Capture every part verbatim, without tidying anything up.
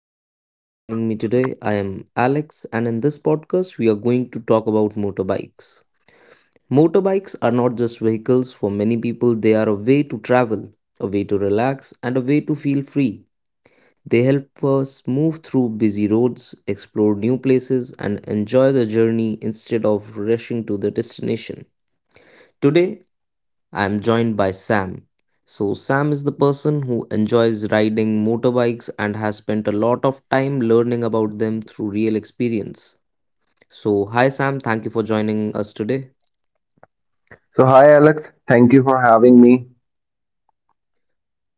and thank you for joining me today. I am Alex, and in this podcast, we are going to talk about motorbikes. Motorbikes are not just vehicles, for many people, they are a way to travel, a way to relax, and a way to feel free. They help us move through busy roads, explore new places, and enjoy the journey instead of rushing to the destination. Today, I'm joined by Sam. So, Sam is the person who enjoys riding motorbikes and has spent a lot of time learning about them through real experience. So, hi Sam, thank you for joining us today. So, hi Alex, thank you for having me.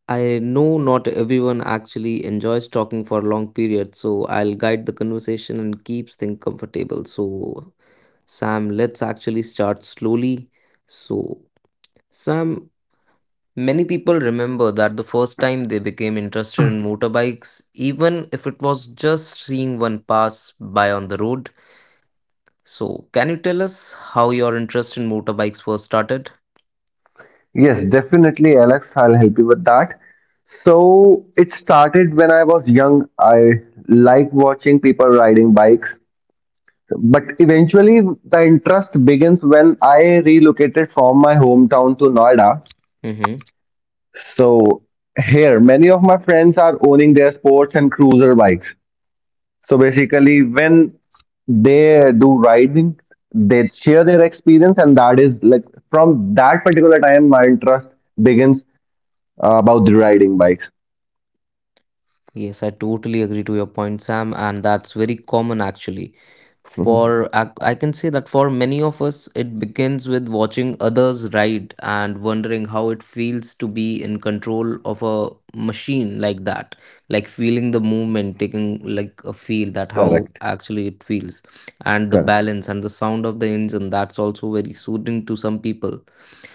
I know not everyone actually enjoys talking for a long periods, so I'll guide the conversation and keep things comfortable. So, Sam, let's actually start slowly. So, Sam, many people remember that the first time they became interested in motorbikes, even if it was just seeing one pass by on the road. So, can you tell us how your interest in motorbikes first started? Yes, definitely, Alex, I'll help you with that. So, it started when I was young. I liked watching people riding bikes, but eventually, the interest begins when I relocated from my hometown to Noida. Mm-hmm. So, here, many of my friends are owning their sports and cruiser bikes. So basically, when they do riding, they share their experience, and that is like from that particular time, my interest begins uh, about the riding bikes. Yes, I totally agree to your point, Sam, and that's very common actually. Mhm. For ac- I can say that for many of us, it begins with watching others ride and wondering how it feels to be in control of a machine like that, like feeling the movement, taking like a feel that how Correct. actually it feels, and the Correct. balance and the sound of the engine. That's also very soothing to some people.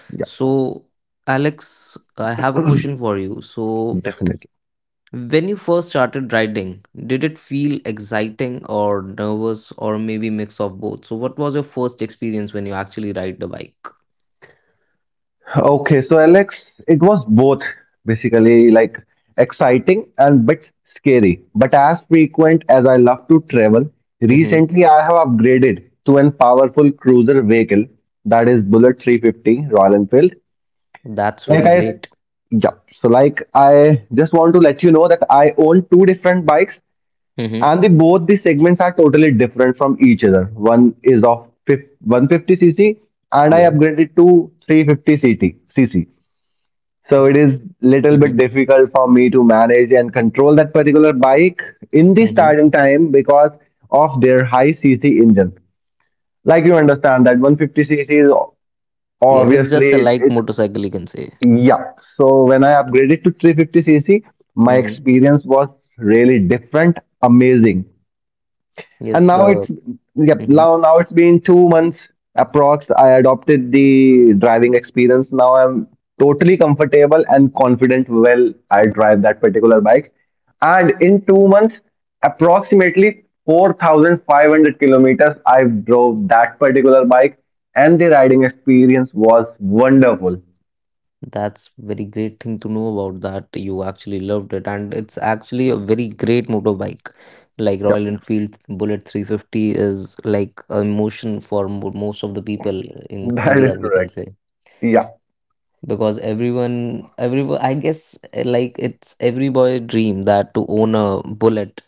Yeah, So, Alex, I have a question for you. So, definitely. when you first started riding, did it feel exciting or nervous or maybe mix of both? So what was your first experience when you actually ride the bike? Okay, so Alex, it was both basically like exciting and bit scary. But as frequent as I love to travel, Hmm. recently I have upgraded to an powerful cruiser vehicle, that is Bullet three fifty Royal Enfield. That's Like very I, great. yeah. So like I just want to let you know that I own two different bikes, Hmm. and the both the segments are totally different from each other. One is of fif- one fifty c c cc, and I Yeah. upgraded to three fifty ct cc. So it is little Hmm. bit difficult for me to manage and control that particular bike in the Hmm. starting time because of their high cc engine. Like you understand that one fifty c c cc is Yes, it's obviously just a it, light it motorcycle, you can say. Yeah. So when I upgraded to three fifty c c, my Hmm. experience was really different, amazing. Yes, And now the. it's yep, Mhm. now now it's been two months approx. I adopted the driving experience. Now I'm totally comfortable and confident well I drive that particular bike. And in two months, approximately four thousand five hundred kilometers I drove that particular bike, and the riding experience was wonderful. That's very great thing to know about that you actually loved it and it's actually a very great motorbike. Like Royal Yep. Enfield Bullet three fifty is like a emotion for mo- most of the people in That India, is we can correct. say. Yeah, Because everyone, everyone, I guess uh, like it's every boy dream that to own a bullet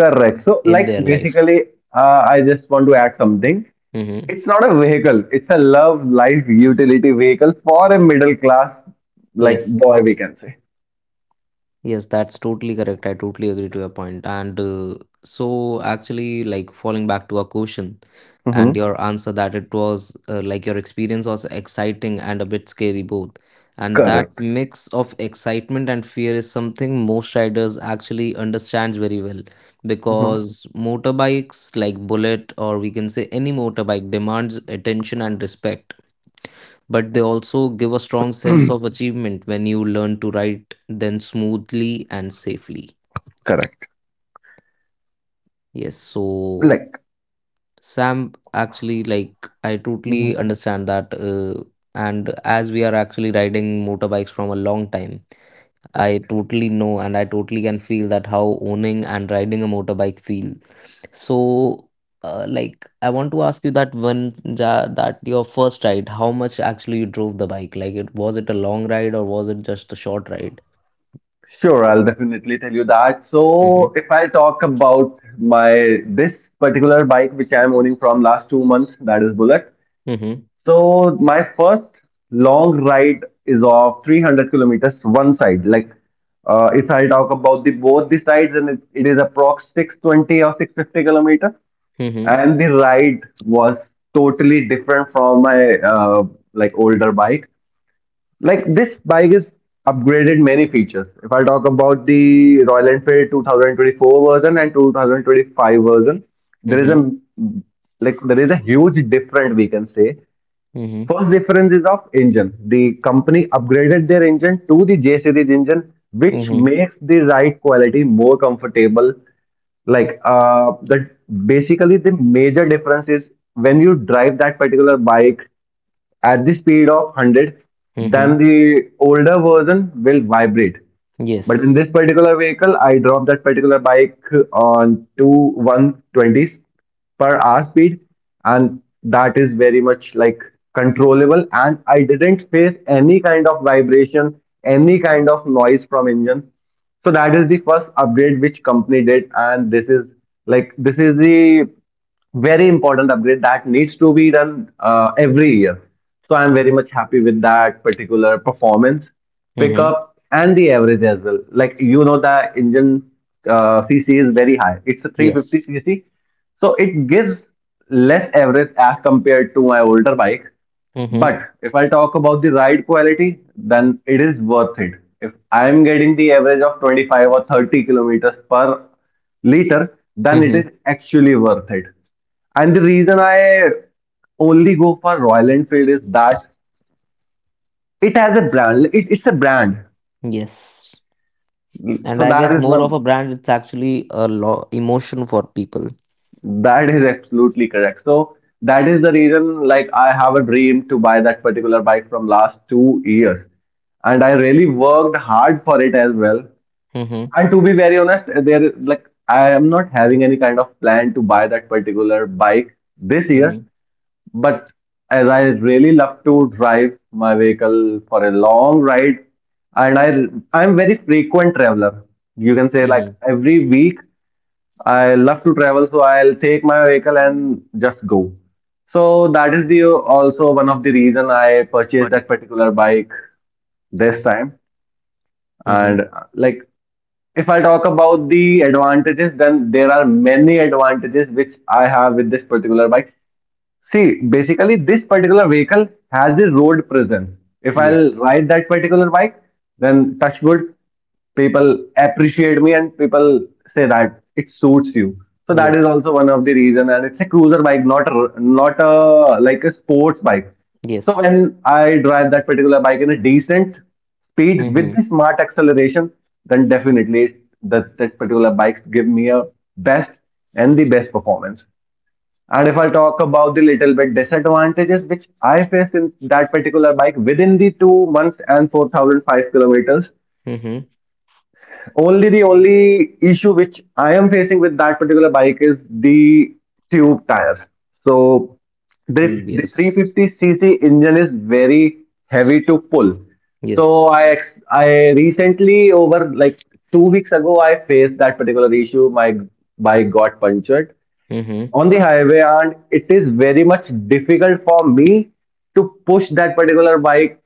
correct. So, in like, their life. basically, uh, I just want to add something. Mm-hmm. It's not a vehicle, it's a love life utility vehicle for a middle class, like, Yes. boy, we can say. Yes, that's totally correct. I totally agree to your point. And uh, so, actually, like falling back to a question Mm-hmm. and your answer that it was uh, like your experience was exciting and a bit scary both. And that Correct. mix of excitement and fear is something most riders actually understands very well Mm-hmm. because motorbikes like Bullet or we can say any motorbike demands attention and respect but they also give a strong sense of achievement when you learn to ride then smoothly and safely. Correct. Yes, so Like, Sam, actually, like I Mm-hmm. totally understand that. Uh, and as we are actually riding motorbikes from a long time, I totally know and I totally can feel that how owning and riding a motorbike feel. So, uh, like I want to ask you that when ja, that your first ride, how much actually you drove the bike? Like, it was it a long ride or was it just a short ride? Sure, I'll definitely tell you that. Mm-hmm. So, if I talk about my this particular bike which I am owning from last two months, that is Bullet. Mm-hmm. So my first long ride is of three hundred kilometers one side. Like uh, if I talk about the both the sides, and it, it is approx six twenty or six fifty kilometers, Mm-hmm. and the ride was totally different from my uh, like older bike. Like this bike is upgraded many features. If I talk about the Royal Enfield twenty twenty four version and twenty twenty five version, there is a like there is a huge difference, we can say. Mm-hmm. First difference is of engine. The company upgraded their engine to the J series engine, which Mm-hmm. makes the ride quality more comfortable. Like uh, the basically the major difference is when you drive that particular bike, at the speed of hundred, then Mhm. the older version will vibrate. But in Yes. this particular vehicle, I dropped that particular bike on to one twenties per hour speed, and that is very much like controllable. And I didn't face any kind of vibration, any kind of noise from engine. So that is the first upgrade which company did, and this is like this is the very important upgrade that needs to be done uh, every year. So I'm very much happy with that particular performance, Mhm. pickup, and the average as well. Like you know, the engine uh, c c is very high. It's a three fifty Yes. cc, so it gives less average as compared to my older bike. Mhm. But if I talk about the ride quality, then it is worth it. If I am getting the average of twenty five or thirty kilometers per liter, then it is Mhm. actually worth it. And the reason I only go for Royal Enfield is that it has a brand. It, it's a brand. Yes. And So I that guess is more of one. a brand, it's actually a lo- emotion for people. That is absolutely correct. So that is the reason. Like I have a dream to buy that particular bike from last two years, and I really worked hard for it as well. Mhm. And to be very honest, there like I am not having any kind of plan to buy that particular bike this year, Mhm. but as I really love to drive my vehicle for a long ride, and I I'm very frequent traveler. You can say like Mhm. every week I love to travel, so I'll take my vehicle and just go. So that is the also one of the reason I purchased that particular bike this time, Mhm. and uh, like, if I talk about the advantages, then there are many advantages which I have with this particular bike. See, basically, this particular vehicle has a road presence. If I'll Yes. ride that particular bike, then touch wood, people appreciate me and people say that it suits you. So that is Yes. also one of the reason. And it's a cruiser bike, not a, not a like a sports bike. So Yes. when I drive that particular bike in a decent speed with the Mhm. smart acceleration, then definitely that that particular bike give me a best and the best performance. And if I talk about the little bit disadvantages which I faced in that particular bike within the two months and four thousand five kilometers, Mhm. only the only issue which I am facing with that particular bike is the tube tires. So the, the Yes. three fifty c c engine is very heavy to pull. So Yes. I ex- I recently, over like two weeks ago, I faced that particular issue. My bike got punctured Mhm. on the highway, and it is very much difficult for me to push that particular bike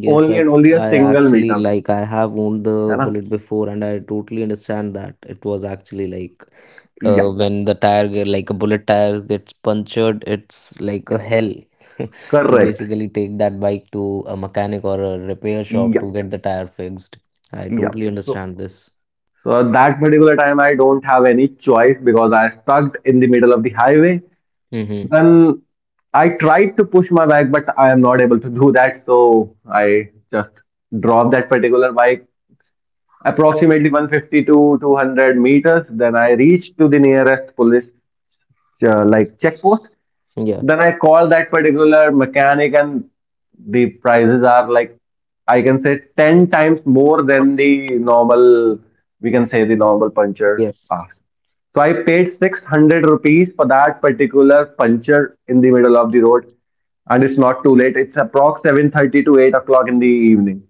Yes. only I and only a I single actually meter. like I have owned the है ना? bullet before, and I totally understand that it was actually like uh, Yeah, when the tire get- like a bullet tire gets punctured it's like a yeah, hell to correct. basically take that bike to a mechanic or a repair shop Yeah, to get the tire fixed. I yeah. totally So, understand this. so at that particular time, I don't have any choice because I stuck in the middle of the highway. Mm-hmm. Then I tried to push my bike, but I am not able to do that. So I just dropped that particular bike approximately one fifty to two hundred meters. Then I reached to the nearest police, uh, like, checkpost. Yeah. Then I call that particular mechanic, and the prices are like, I can say, ten times more than the normal, we can say, the normal puncture Yes. asks. So I paid six hundred rupees for that particular puncture in the middle of the road, and it's not too late. It's approx seven thirty to eight o'clock in the evening.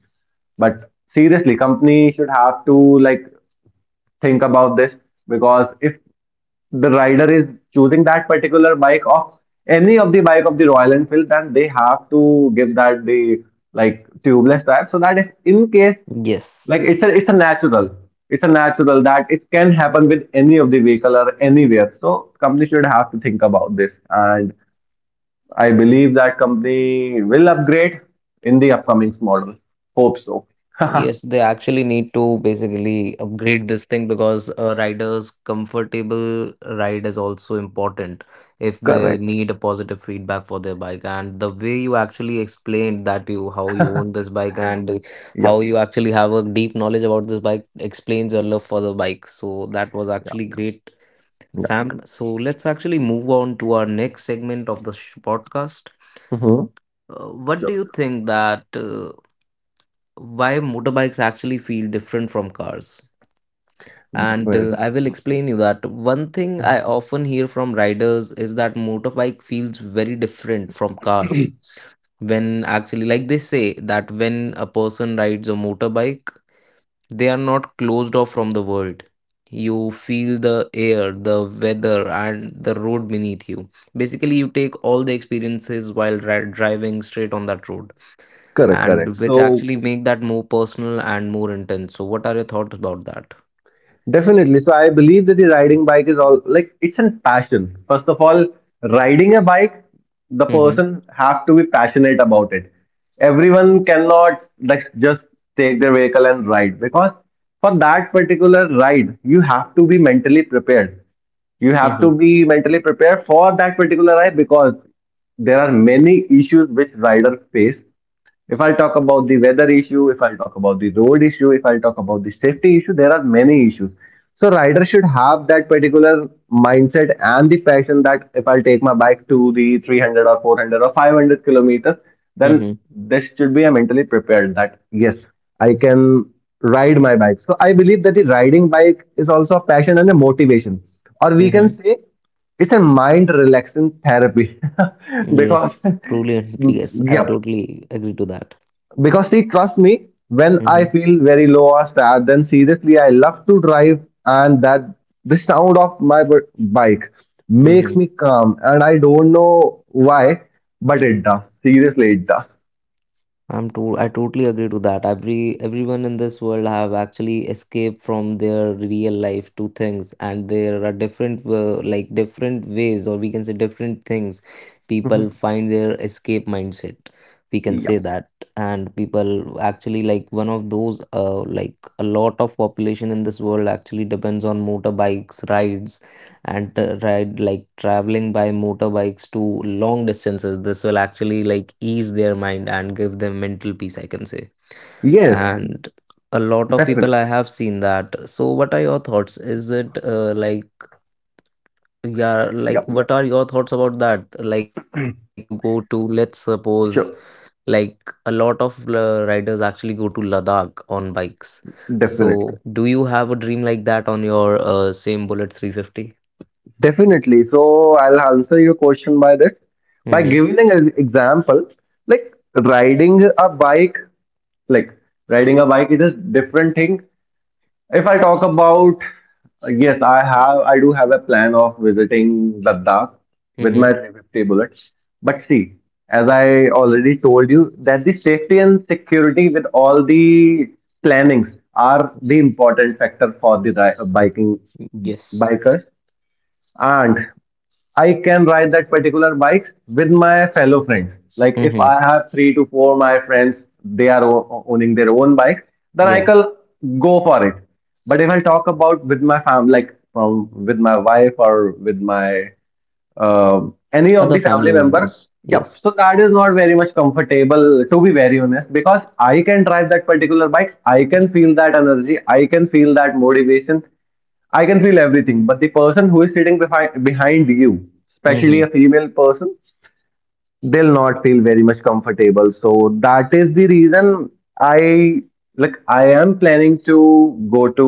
But seriously, company should have to, like, think about this, because if the rider is choosing that particular bike, of any of the bike of the Royal Enfield, then they have to give that the, like, tubeless tire, so that if in case, Yes. like, it's a it's a natural it's a natural that it can happen with any of the vehicle or anywhere. So company should have to think about this, and I believe that company will upgrade in the upcoming model, hope so. Yes, they actually need to basically upgrade this thing because a rider's comfortable ride is also important if they Correct. need a positive feedback for their bike. And the way you actually explained that you how you own this bike and Yeah, how you actually have a deep knowledge about this bike explains your love for the bike. So that was yeah, actually great, yeah. Sam. So let's actually move on to our next segment of the sh- podcast. Mhm. Uh, what do Sure. you think that uh, why motorbikes actually feel different from cars? And uh, Definitely. I will explain you that one thing I often hear from riders is that motorbike feels very different from cars. When actually, like they say that when a person rides a motorbike, they are not closed off from the world. You feel the air, the weather, and the road beneath you. Basically, you take all the experiences while ri driving straight on that road Correct. Correct. and which So, actually make that more personal and more intense. So, what are your thoughts about that? definitely. So I believe that the riding bike is all, like, it's a passion. First of all, riding a bike, the Mm-hmm. person have to be passionate about it. Everyone cannot like just take their vehicle and ride, because for that particular ride, you have to be mentally prepared. You have to Mm-hmm. be mentally prepared for that particular ride, because there are many issues which rider face. If I'll talk about the weather issue, if I'll talk about the road issue, if I'll talk about the safety issue, there are many issues. So rider should have that particular mindset and the passion, that if I'll take my bike to the three hundred or four hundred or five hundred kilometers, then Mm-hmm. this should be a mentally prepared that yes, I can ride my bike. So I believe that the riding bike is also a passion and a motivation, or we can Mm-hmm. say, it's a mind relaxing therapy. Because Yes, truly, and yes, I yeah, totally agree to that. because see, trusts me, when I Mm-hmm. feel very low or sad, then seriously, I love to drive, and that the sound of my b- bike makes Mm-hmm. me calm, and I don't know why, but it does. Seriously, it does. I'm to I totally agree to that. Every everyone in this world have actually escaped from their real life to things, and there are different uh, like different ways, or we can say different things. People Mhm. find their escape mindset. We can say Yeah. that, and people actually like one of those. Uh, like a lot of population in this world actually depends on motorbikes rides and uh, ride like traveling by motorbikes to long distances this will actually like ease their mind and give them mental peace I can say Yes, and a lot of people definitely. I have seen that. So what are your thoughts, is it uh, like yeah like Yeah, what are your thoughts about that, like if you need to go to, let's suppose, sure. like a lot of uh, riders actually go to Ladakh on bikes, so Definitely. do you have a dream like that on your uh, same Bullet three fifty? Definitely. So I'll answer your question by this. By Mm-hmm. giving an example, like riding a bike, like riding a bike, it is different thing. If I talk about, yes, I have, I do have a plan of visiting Ladakh with my Mm-hmm. three fifty bullets. But see, as I already told you, that the safety and security with all the plannings are the important factor for the ri- biking Yes. bikers, and I can ride that particular bike with my fellow friends. Like if I Mm-hmm. have three to four my friends, they are o- owning their own bikes, then I Yeah. can go for it. But if I talk about with my family, like from with my wife or with my um any of the Other family family member, members. yeah. So Yes. that is not very much comfortable, to be very honest, because I can drive that particular bike. I can feel that energy. I can feel that motivation. I can feel everything, but the person who is sitting behind behind you, especially a Mm-hmm. female person, they'll not feel very much comfortable. So that is the reason I like I am planning to go to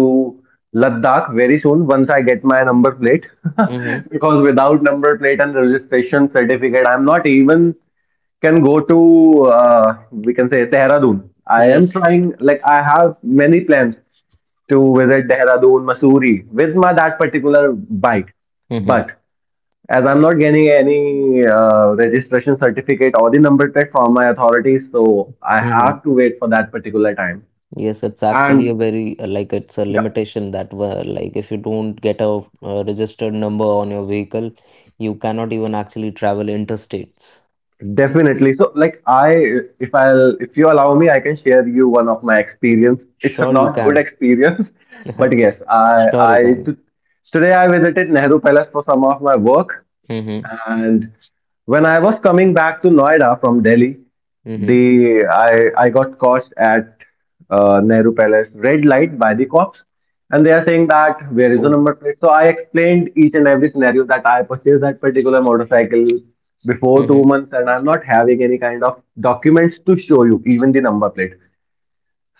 Ladakh very soon once I get my number plate Mm-hmm. because without number plate and registration certificate I'm not even can go to uh, we can say Dehradun. I am Yes. trying like I have many plans to visit Dehradun, Masuri with my that particular bike. Mm-hmm. But as I'm not getting any uh, registration certificate or the number plate from my authorities, so I have Mm-hmm. to wait for that particular time. Yes, it's And actually a very uh, like it's a yeah, limitation that were like if you don't get a, uh registered number on your vehicle, you cannot even actually travel interstates. definitely. So like I, if I'll, if you allow me, I can share you one of my experience. It's a Sure, you not good can. experience, but yes, I, Sure, I you can. t- today I visited Nehru Palace for some of my work, Mm-hmm. and when I was coming back to Noida from Delhi, the Mm-hmm. I I got caught at uh, Nehru Palace red light by the cops, and they are saying that where is the Oh. number plate. So I explained each and every scenario that I purchased that particular motorcycle before two Mm-hmm. months, and I'm not having any kind of documents to show you, even the number plate.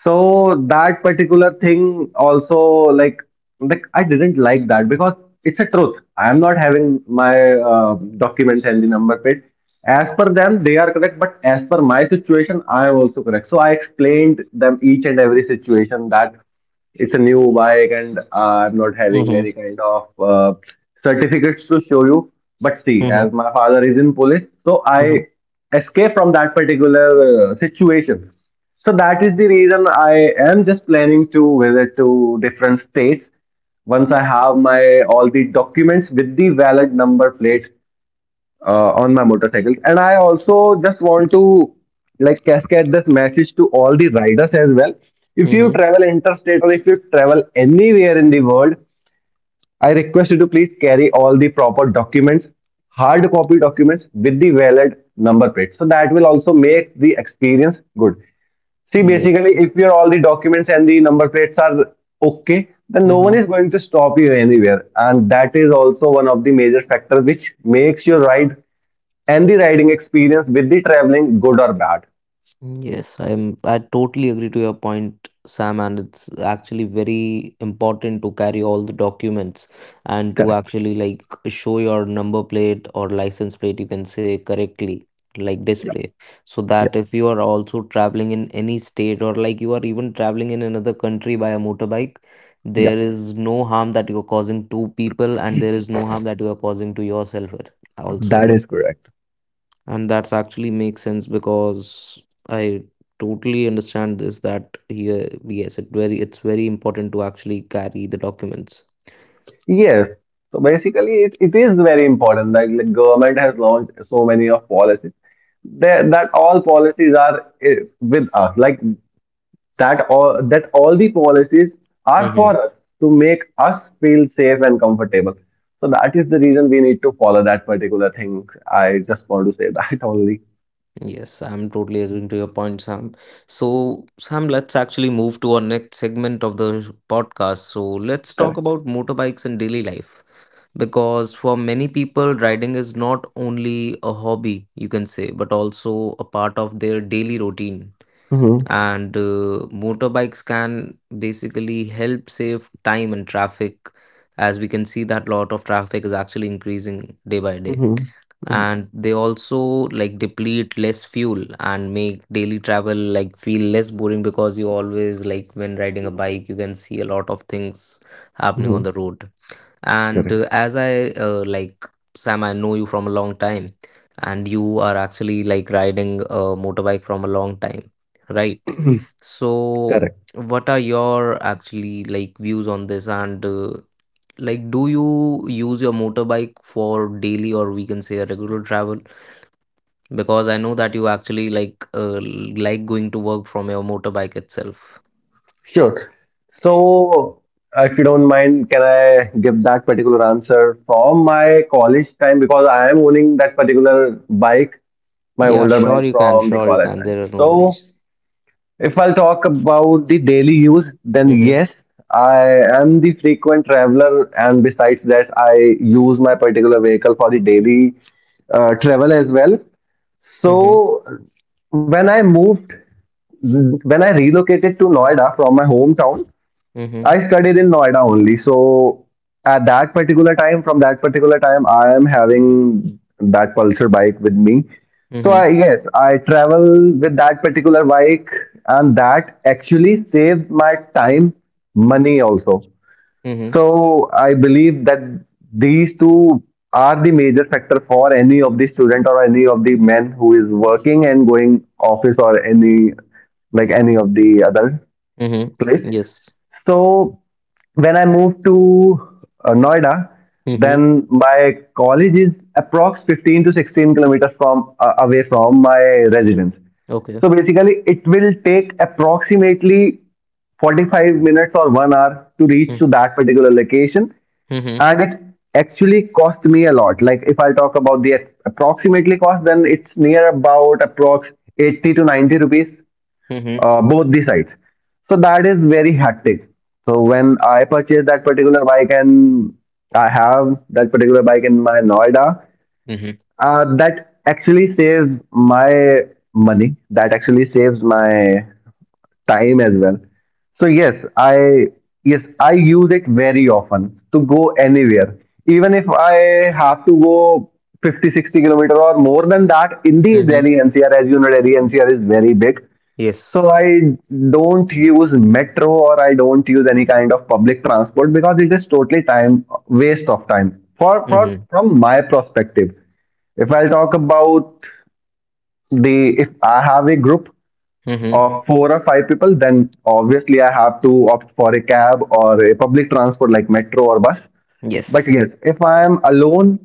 So that particular thing also like like I didn't like that because it's a truth. I am not having my uh, documents and the number plate. As per them, they are correct, but as per my situation, I am also correct. So I explained them each and every situation that it's a new bike and I'm not having any Mm-hmm. kind of uh, certificates to show you. But see, as Mm-hmm. my father is in police, so I Mm-hmm. escape from that particular uh, situation. So that is the reason I am just planning to visit to different states. Once I have my all the documents with the valid number plate uh, on my motorcycle, and I also just want to like cascade this message to all the riders as well. If you Mm-hmm. travel interstate or if you travel anywhere in the world, I request you to please carry all the proper documents, hard copy documents with the valid number plate. So that will also make the experience good. See, basically, Yes. if your all the documents and the number plates are okay, then no one Mm-hmm. is going to stop you anywhere. And that is also one of the major factors which makes your ride and the riding experience with the traveling good or bad. Yes, I'm I totally agree to your point, Sam, and it's actually very important to carry all the documents and to Correct. actually like show your number plate or license plate, you can say correctly, like Yeah. display. So Yeah. that if you are also traveling in any state or like you are even traveling in another country by a motorbike, Yeah. there is no harm that you are causing to people and there is no harm that you are causing to yourself also, That is correct. and that's actually makes sense because I totally understand this that here, yes it very it's very important to actually carry the documents. Yes. So basically, it, it is very important. Like, the government has launched so many of policies. They, that all policies are eh, with us. Like that all that all the policies are Hmm. for us to make us feel safe and comfortable. So that is the reason we need to follow that particular thing. I just want to say that only. Yes, I'm totally agreeing to your point, Sam. So, Sam, let's actually move to our next segment of the podcast. So, let's talk Correct. about motorbikes in daily life because for many people riding is not only a hobby you can say, but also a part of their daily routine. Mm-hmm. And uh, motorbikes can basically help save time and traffic, as we can see that lot of traffic is actually increasing day by day, Mm-hmm. and they also like deplete less fuel and make daily travel like feel less boring, because you always like when riding a bike you can see a lot of things happening on Mm-hmm. the road. And Correct. uh, as I uh, like Sam, I know you from a long time, and you are actually like riding a motorbike from a long time, right? So, Correct. what are your actually like views on this? And uh, like, do you use your motorbike for daily or we can say a regular travel? Because I know that you actually like uh, like going to work from your motorbike itself. Sure. So, uh, if you don't mind, can I give that particular answer from my college time because I am owning that particular bike, my Yeah, older sure bike you can, from the sure you college can. time. There are no So, worries. if I'll talk about the daily use, then Mm-hmm. yes, I am the frequent traveler, and besides that, I use my particular vehicle for the daily uh, travel as well. Mm-hmm. So, when I moved, when I relocated to Noida from my hometown, Mm-hmm. I studied in Noida only. So at that particular time, from that particular time, I am having that Pulsar bike with me. So Mm-hmm. I yes, I travel with that particular bike, and that actually saves my time, money also. Mm-hmm. So I believe that these two are the major factor for any of the student or any of the men who is working and going office or any like any of the other Mm-hmm. place. Yes. So when I moved to uh, Noida, Mm-hmm. then my college is approx fifteen to sixteen kilometers from uh, away from my residence. Okay. So basically, it will take approximately forty-five minutes or one hour to reach to Mm-hmm. that particular location, Mm-hmm. and it actually cost me a lot. Like if I talk about the approximately cost, then it's near about approx eighty to ninety rupees uh, both the sides. So that is very hectic. So when I purchase that particular bike and I have that particular bike in my Noida, Mm-hmm. uh, that actually saves my money. That actually saves my time as well. So yes, I yes I use it very often to go anywhere. Even if I have to go fifty sixty kilometer or more than that in the Mm-hmm. Delhi N C R, as you know Delhi N C R is very big, Yes. so I don't use metro or I don't use any kind of public transport because it is totally time waste of time. For, for Mm-hmm. from my perspective, if I'll talk about the if I have a group Mm-hmm. of four or five people, then obviously I have to opt for a cab or a public transport like metro or bus. But Yes. yes, if I am alone,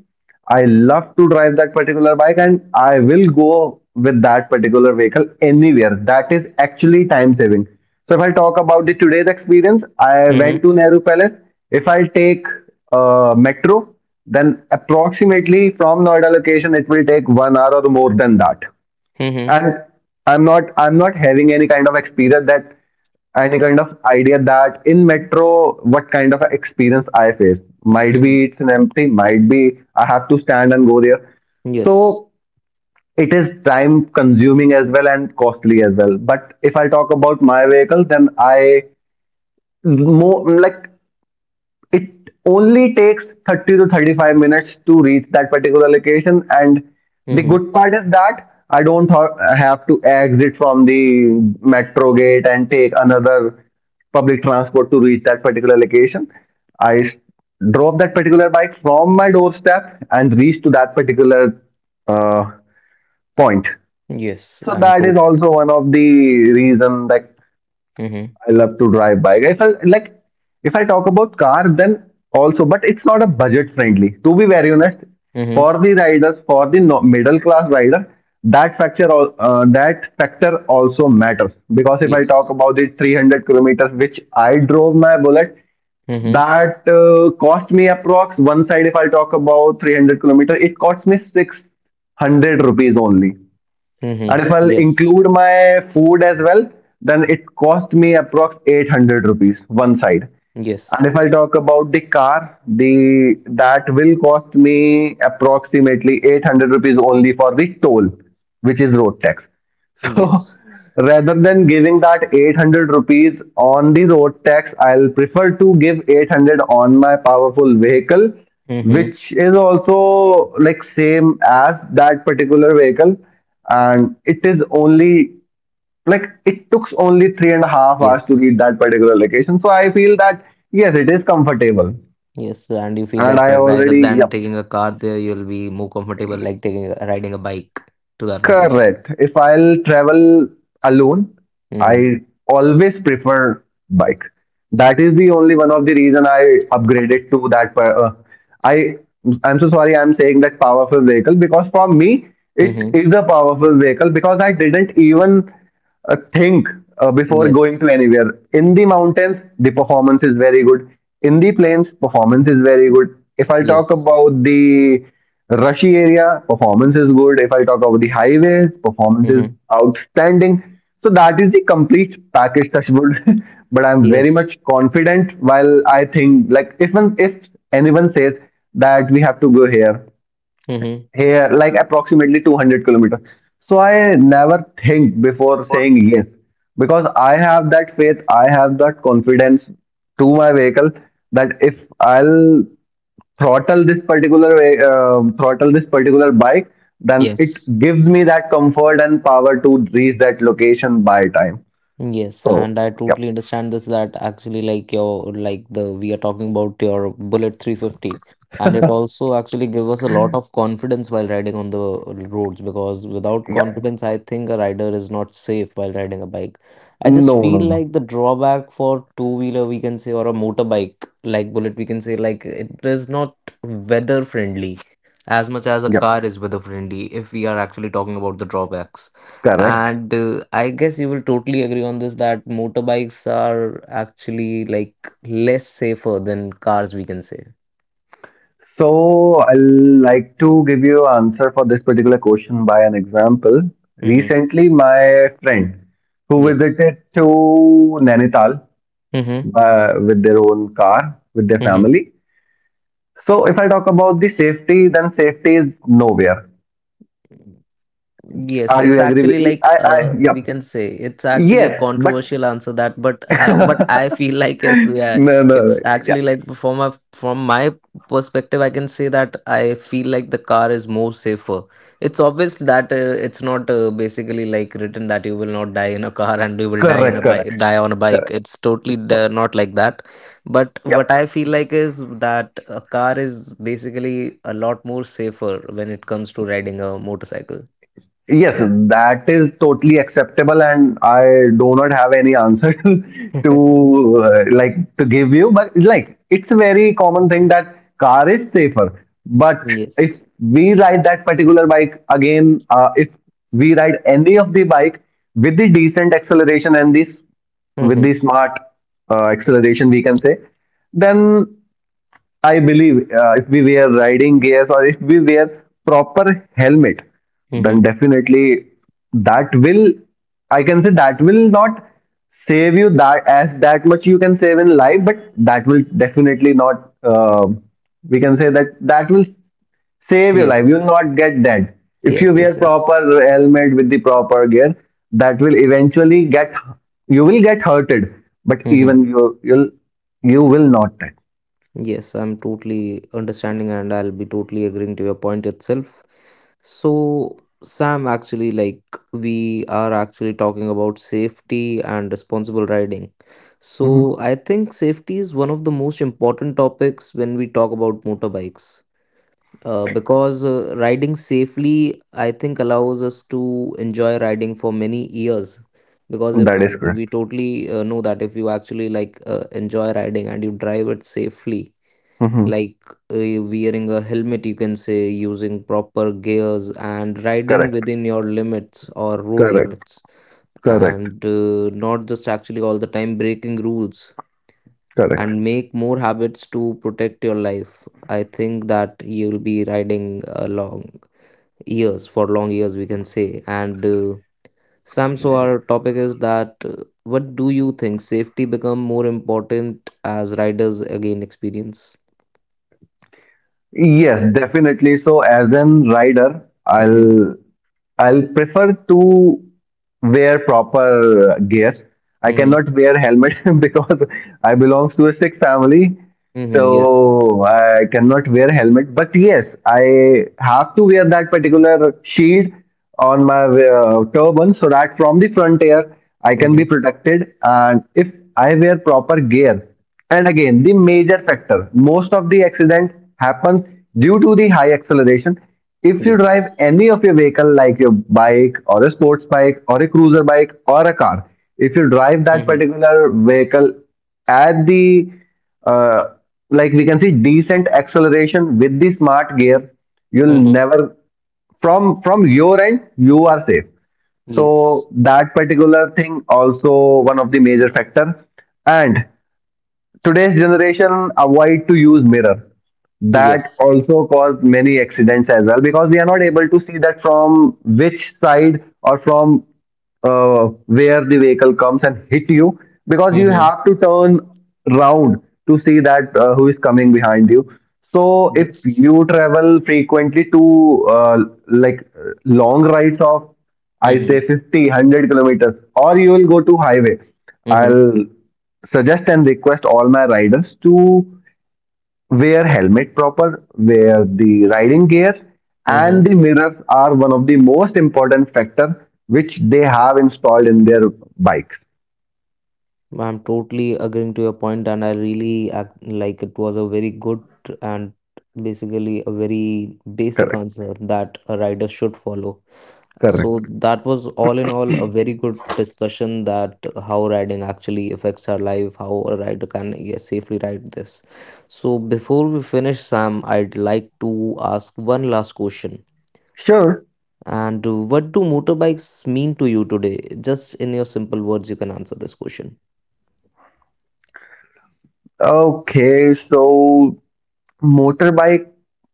I love to drive that particular bike and I will go with that particular vehicle anywhere. That is actually time saving. So if I talk about the today's experience, I Mm-hmm. went to Nehru Palace. If I take uh, metro, then approximately from Noida location, it will take one hour or more than that, Mm-hmm. and i'm not I'm not having any kind of experience that any kind of idea that in metro what kind of experience I face, might be Mm-hmm. it's an empty, might be I have to stand and go there. Yes. So it is time consuming as well and costly as well. But if I talk about my vehicle, then I more like it only takes thirty to thirty-five minutes to reach that particular location, and the Mm-hmm. good part is that I don't ha- have to exit from the metro gate and take another public transport to reach that particular location. i s- drop that particular bike from my doorstep and reach to that particular uh, point. Yes. So I'm that is told. also one of the reason like Mm-hmm. I love to drive bike. If I like, if I talk about car, then also, but it's not a budget friendly. To be very honest, Mm-hmm. for the riders, for the no, middle class rider, that factor al- uh, that factor also matters because if I talk Yes. about the three hundred kilometers which I drove my bullet, Mm-hmm. that uh, cost me approx one side. If I talk about three hundred kilometers, it cost me six hundred rupees only, Mm-hmm. and if I'll Yes. include my food as well, then it cost me approx eight hundred rupees one side. And Yes. if I talk about the car, the that will cost me approximately eight hundred rupees only for the toll, which is road tax. So Yes. rather than giving that eight hundred rupees on the road tax, I'll prefer to give eight hundred on my powerful vehicle, Mm-hmm. which is also like same as that particular vehicle, and it is only like it took only three and a half hours to reach Yes. that particular location. So I feel that yes, it is comfortable, Yes, and you feel and like I that rather already than yep taking a car there, you'll be more comfortable like taking a, riding a bike to that location. correct. If I'll travel alone, Mm-hmm. I always prefer bike. That is the only one of the reason I upgraded to that. per- Uh, I I'm so sorry I'm saying that powerful vehicle because for me it Mm-hmm. is a powerful vehicle because I didn't even uh, think uh, before going Yes. to anywhere. In the mountains, the performance is very good. In the plains, performance is very good. If I talk Yes. about the rushy area, performance is good. If I talk about the highways, performance is Mm-hmm. outstanding. So that is the complete package, Touchwood. but I'm very much Yes. confident. While I think, like, if one, if anyone says that we have to go here, Mm-hmm. here like approximately two hundred kilometers, so I never think before What? saying yes, because I have that faith, I have that confidence to my vehicle, that if I'll throttle this particular ve- uh, throttle this particular bike, then it Yes. gives me that comfort and power to reach that location by time. Yes, So and I yep totally understand this that actually like your like the we are talking about your Bullet three fifty and it also actually give us a lot of confidence while riding on the roads, because without yep confidence I think a rider is not safe while riding a bike. I just no no feel no like the drawback for two wheeler we can say, or a motorbike like Bullet we can say, like it is not weather friendly as much as a yep car is weather friendly if we are actually talking about the drawbacks. correct. And uh, I guess you will totally agree on this that motorbikes are actually like less safer than cars, we can say. So I'll like to give you answer for this particular question by an example. Mm-hmm. Recently, my friend who Yes. visited to Nainital Mm-hmm. uh, with their own car with their Mm-hmm. family. So if I talk about the safety, then safety is nowhere. Yes, Are you it's agree with? actually like I I uh, yeah we can say it's actually a yes, but controversial answer that, but uh, what I feel like is yeah, no no it's yeah actually like from a from my perspective, I can say that I feel like the car is more safer. It's obvious that uh, it's not uh, basically like written that you will not die in a car and you will die in correct a correct bike, die on a bike. correct. It's totally So d- not like that. But what I yeah. feel like is that a car is basically a lot more safer when it comes to riding a motorcycle. Yes, that is totally acceptable, and I do not have any answer to uh, like to give you. But like, it's a very common thing that car is safer. But if Yes. we ride that particular bike again, uh, if we ride any of the bike with the decent acceleration and this with Mm-hmm. the smart uh, acceleration, we can say, then I believe uh, if we wear riding gears or if we wear proper helmet, then Mm-hmm. definitely that will, I can say that will not save you that as that much you can save in life, but that will definitely not, uh, we can say that that will save your life. You will Yes. not get dead. If you Yes, wear yes, yes. proper helmet with the proper gear, that will eventually get, you will get hurted, but Mm-hmm. even you, you'll, you will not dead. Yes, I'm totally understanding and I'll be totally agreeing to your point itself. So, Sam, actually, like, we are actually talking about safety and responsible riding. So, I think safety is one of the most important topics when we talk about motorbikes. Uh, because uh, riding safely, I think, allows us to enjoy riding for many years. Because if That is we correct. totally uh, know that if you actually like uh, enjoy riding and you drive it safely, Hmm. like uh, wearing a helmet, you can say, using proper gears and riding Correct. within your limits or road Correct. limits, Correct. and uh, not just actually all the time breaking rules Correct. and make more habits to protect your life. I think that you'll be riding uh, long years for long years, we can say. And uh, Sam, so our topic is that uh, what do you think safety become more important as riders again experience? Yes, definitely. So, as an rider, Mm-hmm. I'll I'll prefer to wear proper gear. I Mm-hmm. cannot wear helmet because I belongs to a Sikh family, Mm-hmm. Yes. so I cannot wear helmet. But yes, I have to wear that particular shield on my uh, turban so that from the front air I can be Mm-hmm. protected. And if I wear proper gear, and again, the major factor most of the accident happens due to the high acceleration. If you Yes. drive any of your vehicle, like your bike or a sports bike or a cruiser bike or a car, if you drive that Mm-hmm. particular vehicle at the uh, like we can see decent acceleration with the smart gear, you'll Mm-hmm. never from from your end you are safe. Yes. So that particular thing also one of the major factor. And today's generation avoid to use mirror. That Yes. also caused many accidents as well because we are not able to see that from which side or from uh, where the vehicle comes and hit you because you Mm-hmm. have to turn round to see that uh, who is coming behind you. So if Yes. you travel frequently to uh, like uh, long rides of I say Mm-hmm. fifty, one hundred kilometers or you will go to highway. Mm-hmm. I'll suggest and request all my riders to wear helmet proper, wear the riding gears, Mm-hmm. and the mirrors are one of the most important factor which they have installed in their bikes. I'm totally agreeing to your point, and I really act like it was a very good and basically a very basic Correct. answer that a rider should follow. So Correct. that was all in all a very good discussion that how riding actually affects our life, how a rider can yeah, safely ride this. So before we finish, Sam, I'd like to ask one last question. Sure. And uh, what do motorbikes mean to you today? Just in your simple words, you can answer this question. Okay. So motorbike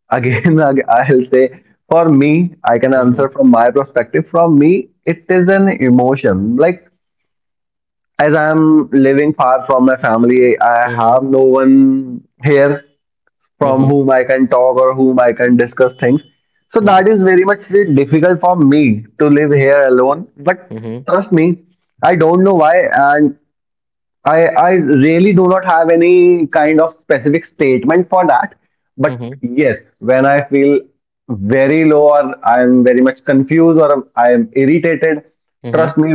again, ag- I'll say for me, I can answer Mm-hmm. from my perspective. From me, it is an emotion. Like as I'm living far from my family, I Mm-hmm. have no one here from Mm-hmm. whom I can talk or whom I can discuss things. So that is Yes. very much difficult for me to live here alone. But Mhm. trust me, I don't know why, and I I really do not have any kind of specific statement for that, but Mhm. yes, when I feel very low or I'm very much confused or I'm irritated, trust Mhm. me,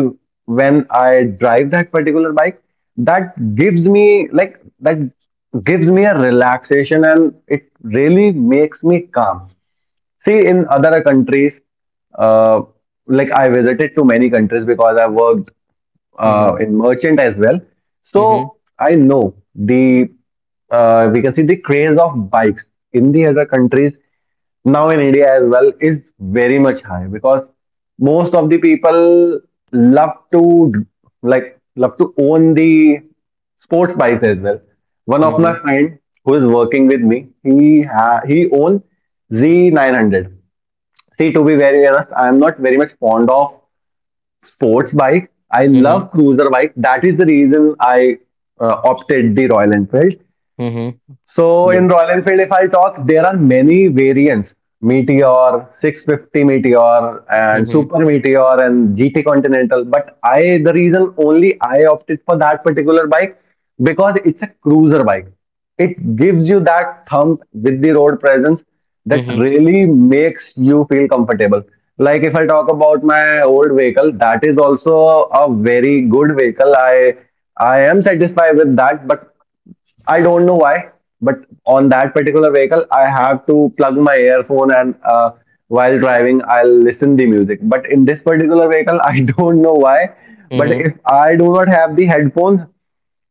when I drive that particular bike, that gives me like that gives me a relaxation and it really makes me calm. See, in other countries, uh, like I visited to many countries because I worked uh, Mhm. in merchant as well. Mhm. So I know the uh, we can see the craze of bikes in the other countries now in India as well is very much high because most of the people love to like love to own the sports bikes as well. One of my Mhm. friend who is working with me, he ha- he owns Z nine hundred. See, to be very honest, I am not very much fond of sports bike. I Mhm. love cruiser bike. That is the reason I uh, opted the Royal Enfield. Mhm. So in Royal Yes. Enfield, if I talk, there are many variants. Meteor, six fifty Meteor, and Mhm. Super Meteor, and G T Continental. But I, the reason only I opted for that particular bike because it's a cruiser bike. It gives you that thump with the road presence that Mhm. really makes you feel comfortable. Like if I talk about my old vehicle, that is also a very good vehicle. I I am satisfied with that, but I don't know why, but on that particular vehicle, I have to plug my earphone and uh, while driving, I'll listen the music. But in this particular vehicle, I don't know why, but Mhm. if I do not have the headphones,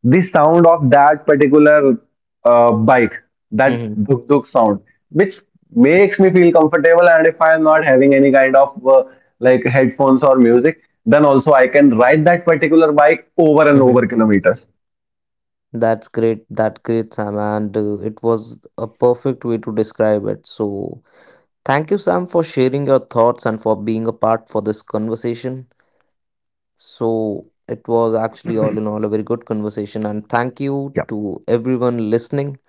the sound of that particular uh, bike, that Mhm. duk duk sound, which makes me feel comfortable, and if I am not having any kind of uh, like headphones or music, then also I can ride that particular bike over and Mhm. over kilometers. That's great. That great, Sam. And uh, it was a perfect way to describe it. So, thank you, Sam, for sharing your thoughts and for being a part for this conversation. So, it was actually all in all a very good conversation. And thank Yeah, you to everyone listening.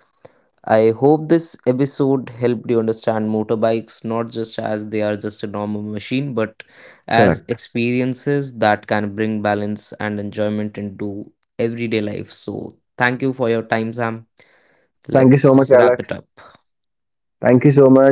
I hope this episode helped you understand motorbikes not just as they are just a normal machine, but as correct. experiences that can bring balance and enjoyment into everyday life. So, thank you for your time, Sam. Thank you so much, Let's Alex. wrap it up. Thank you so much.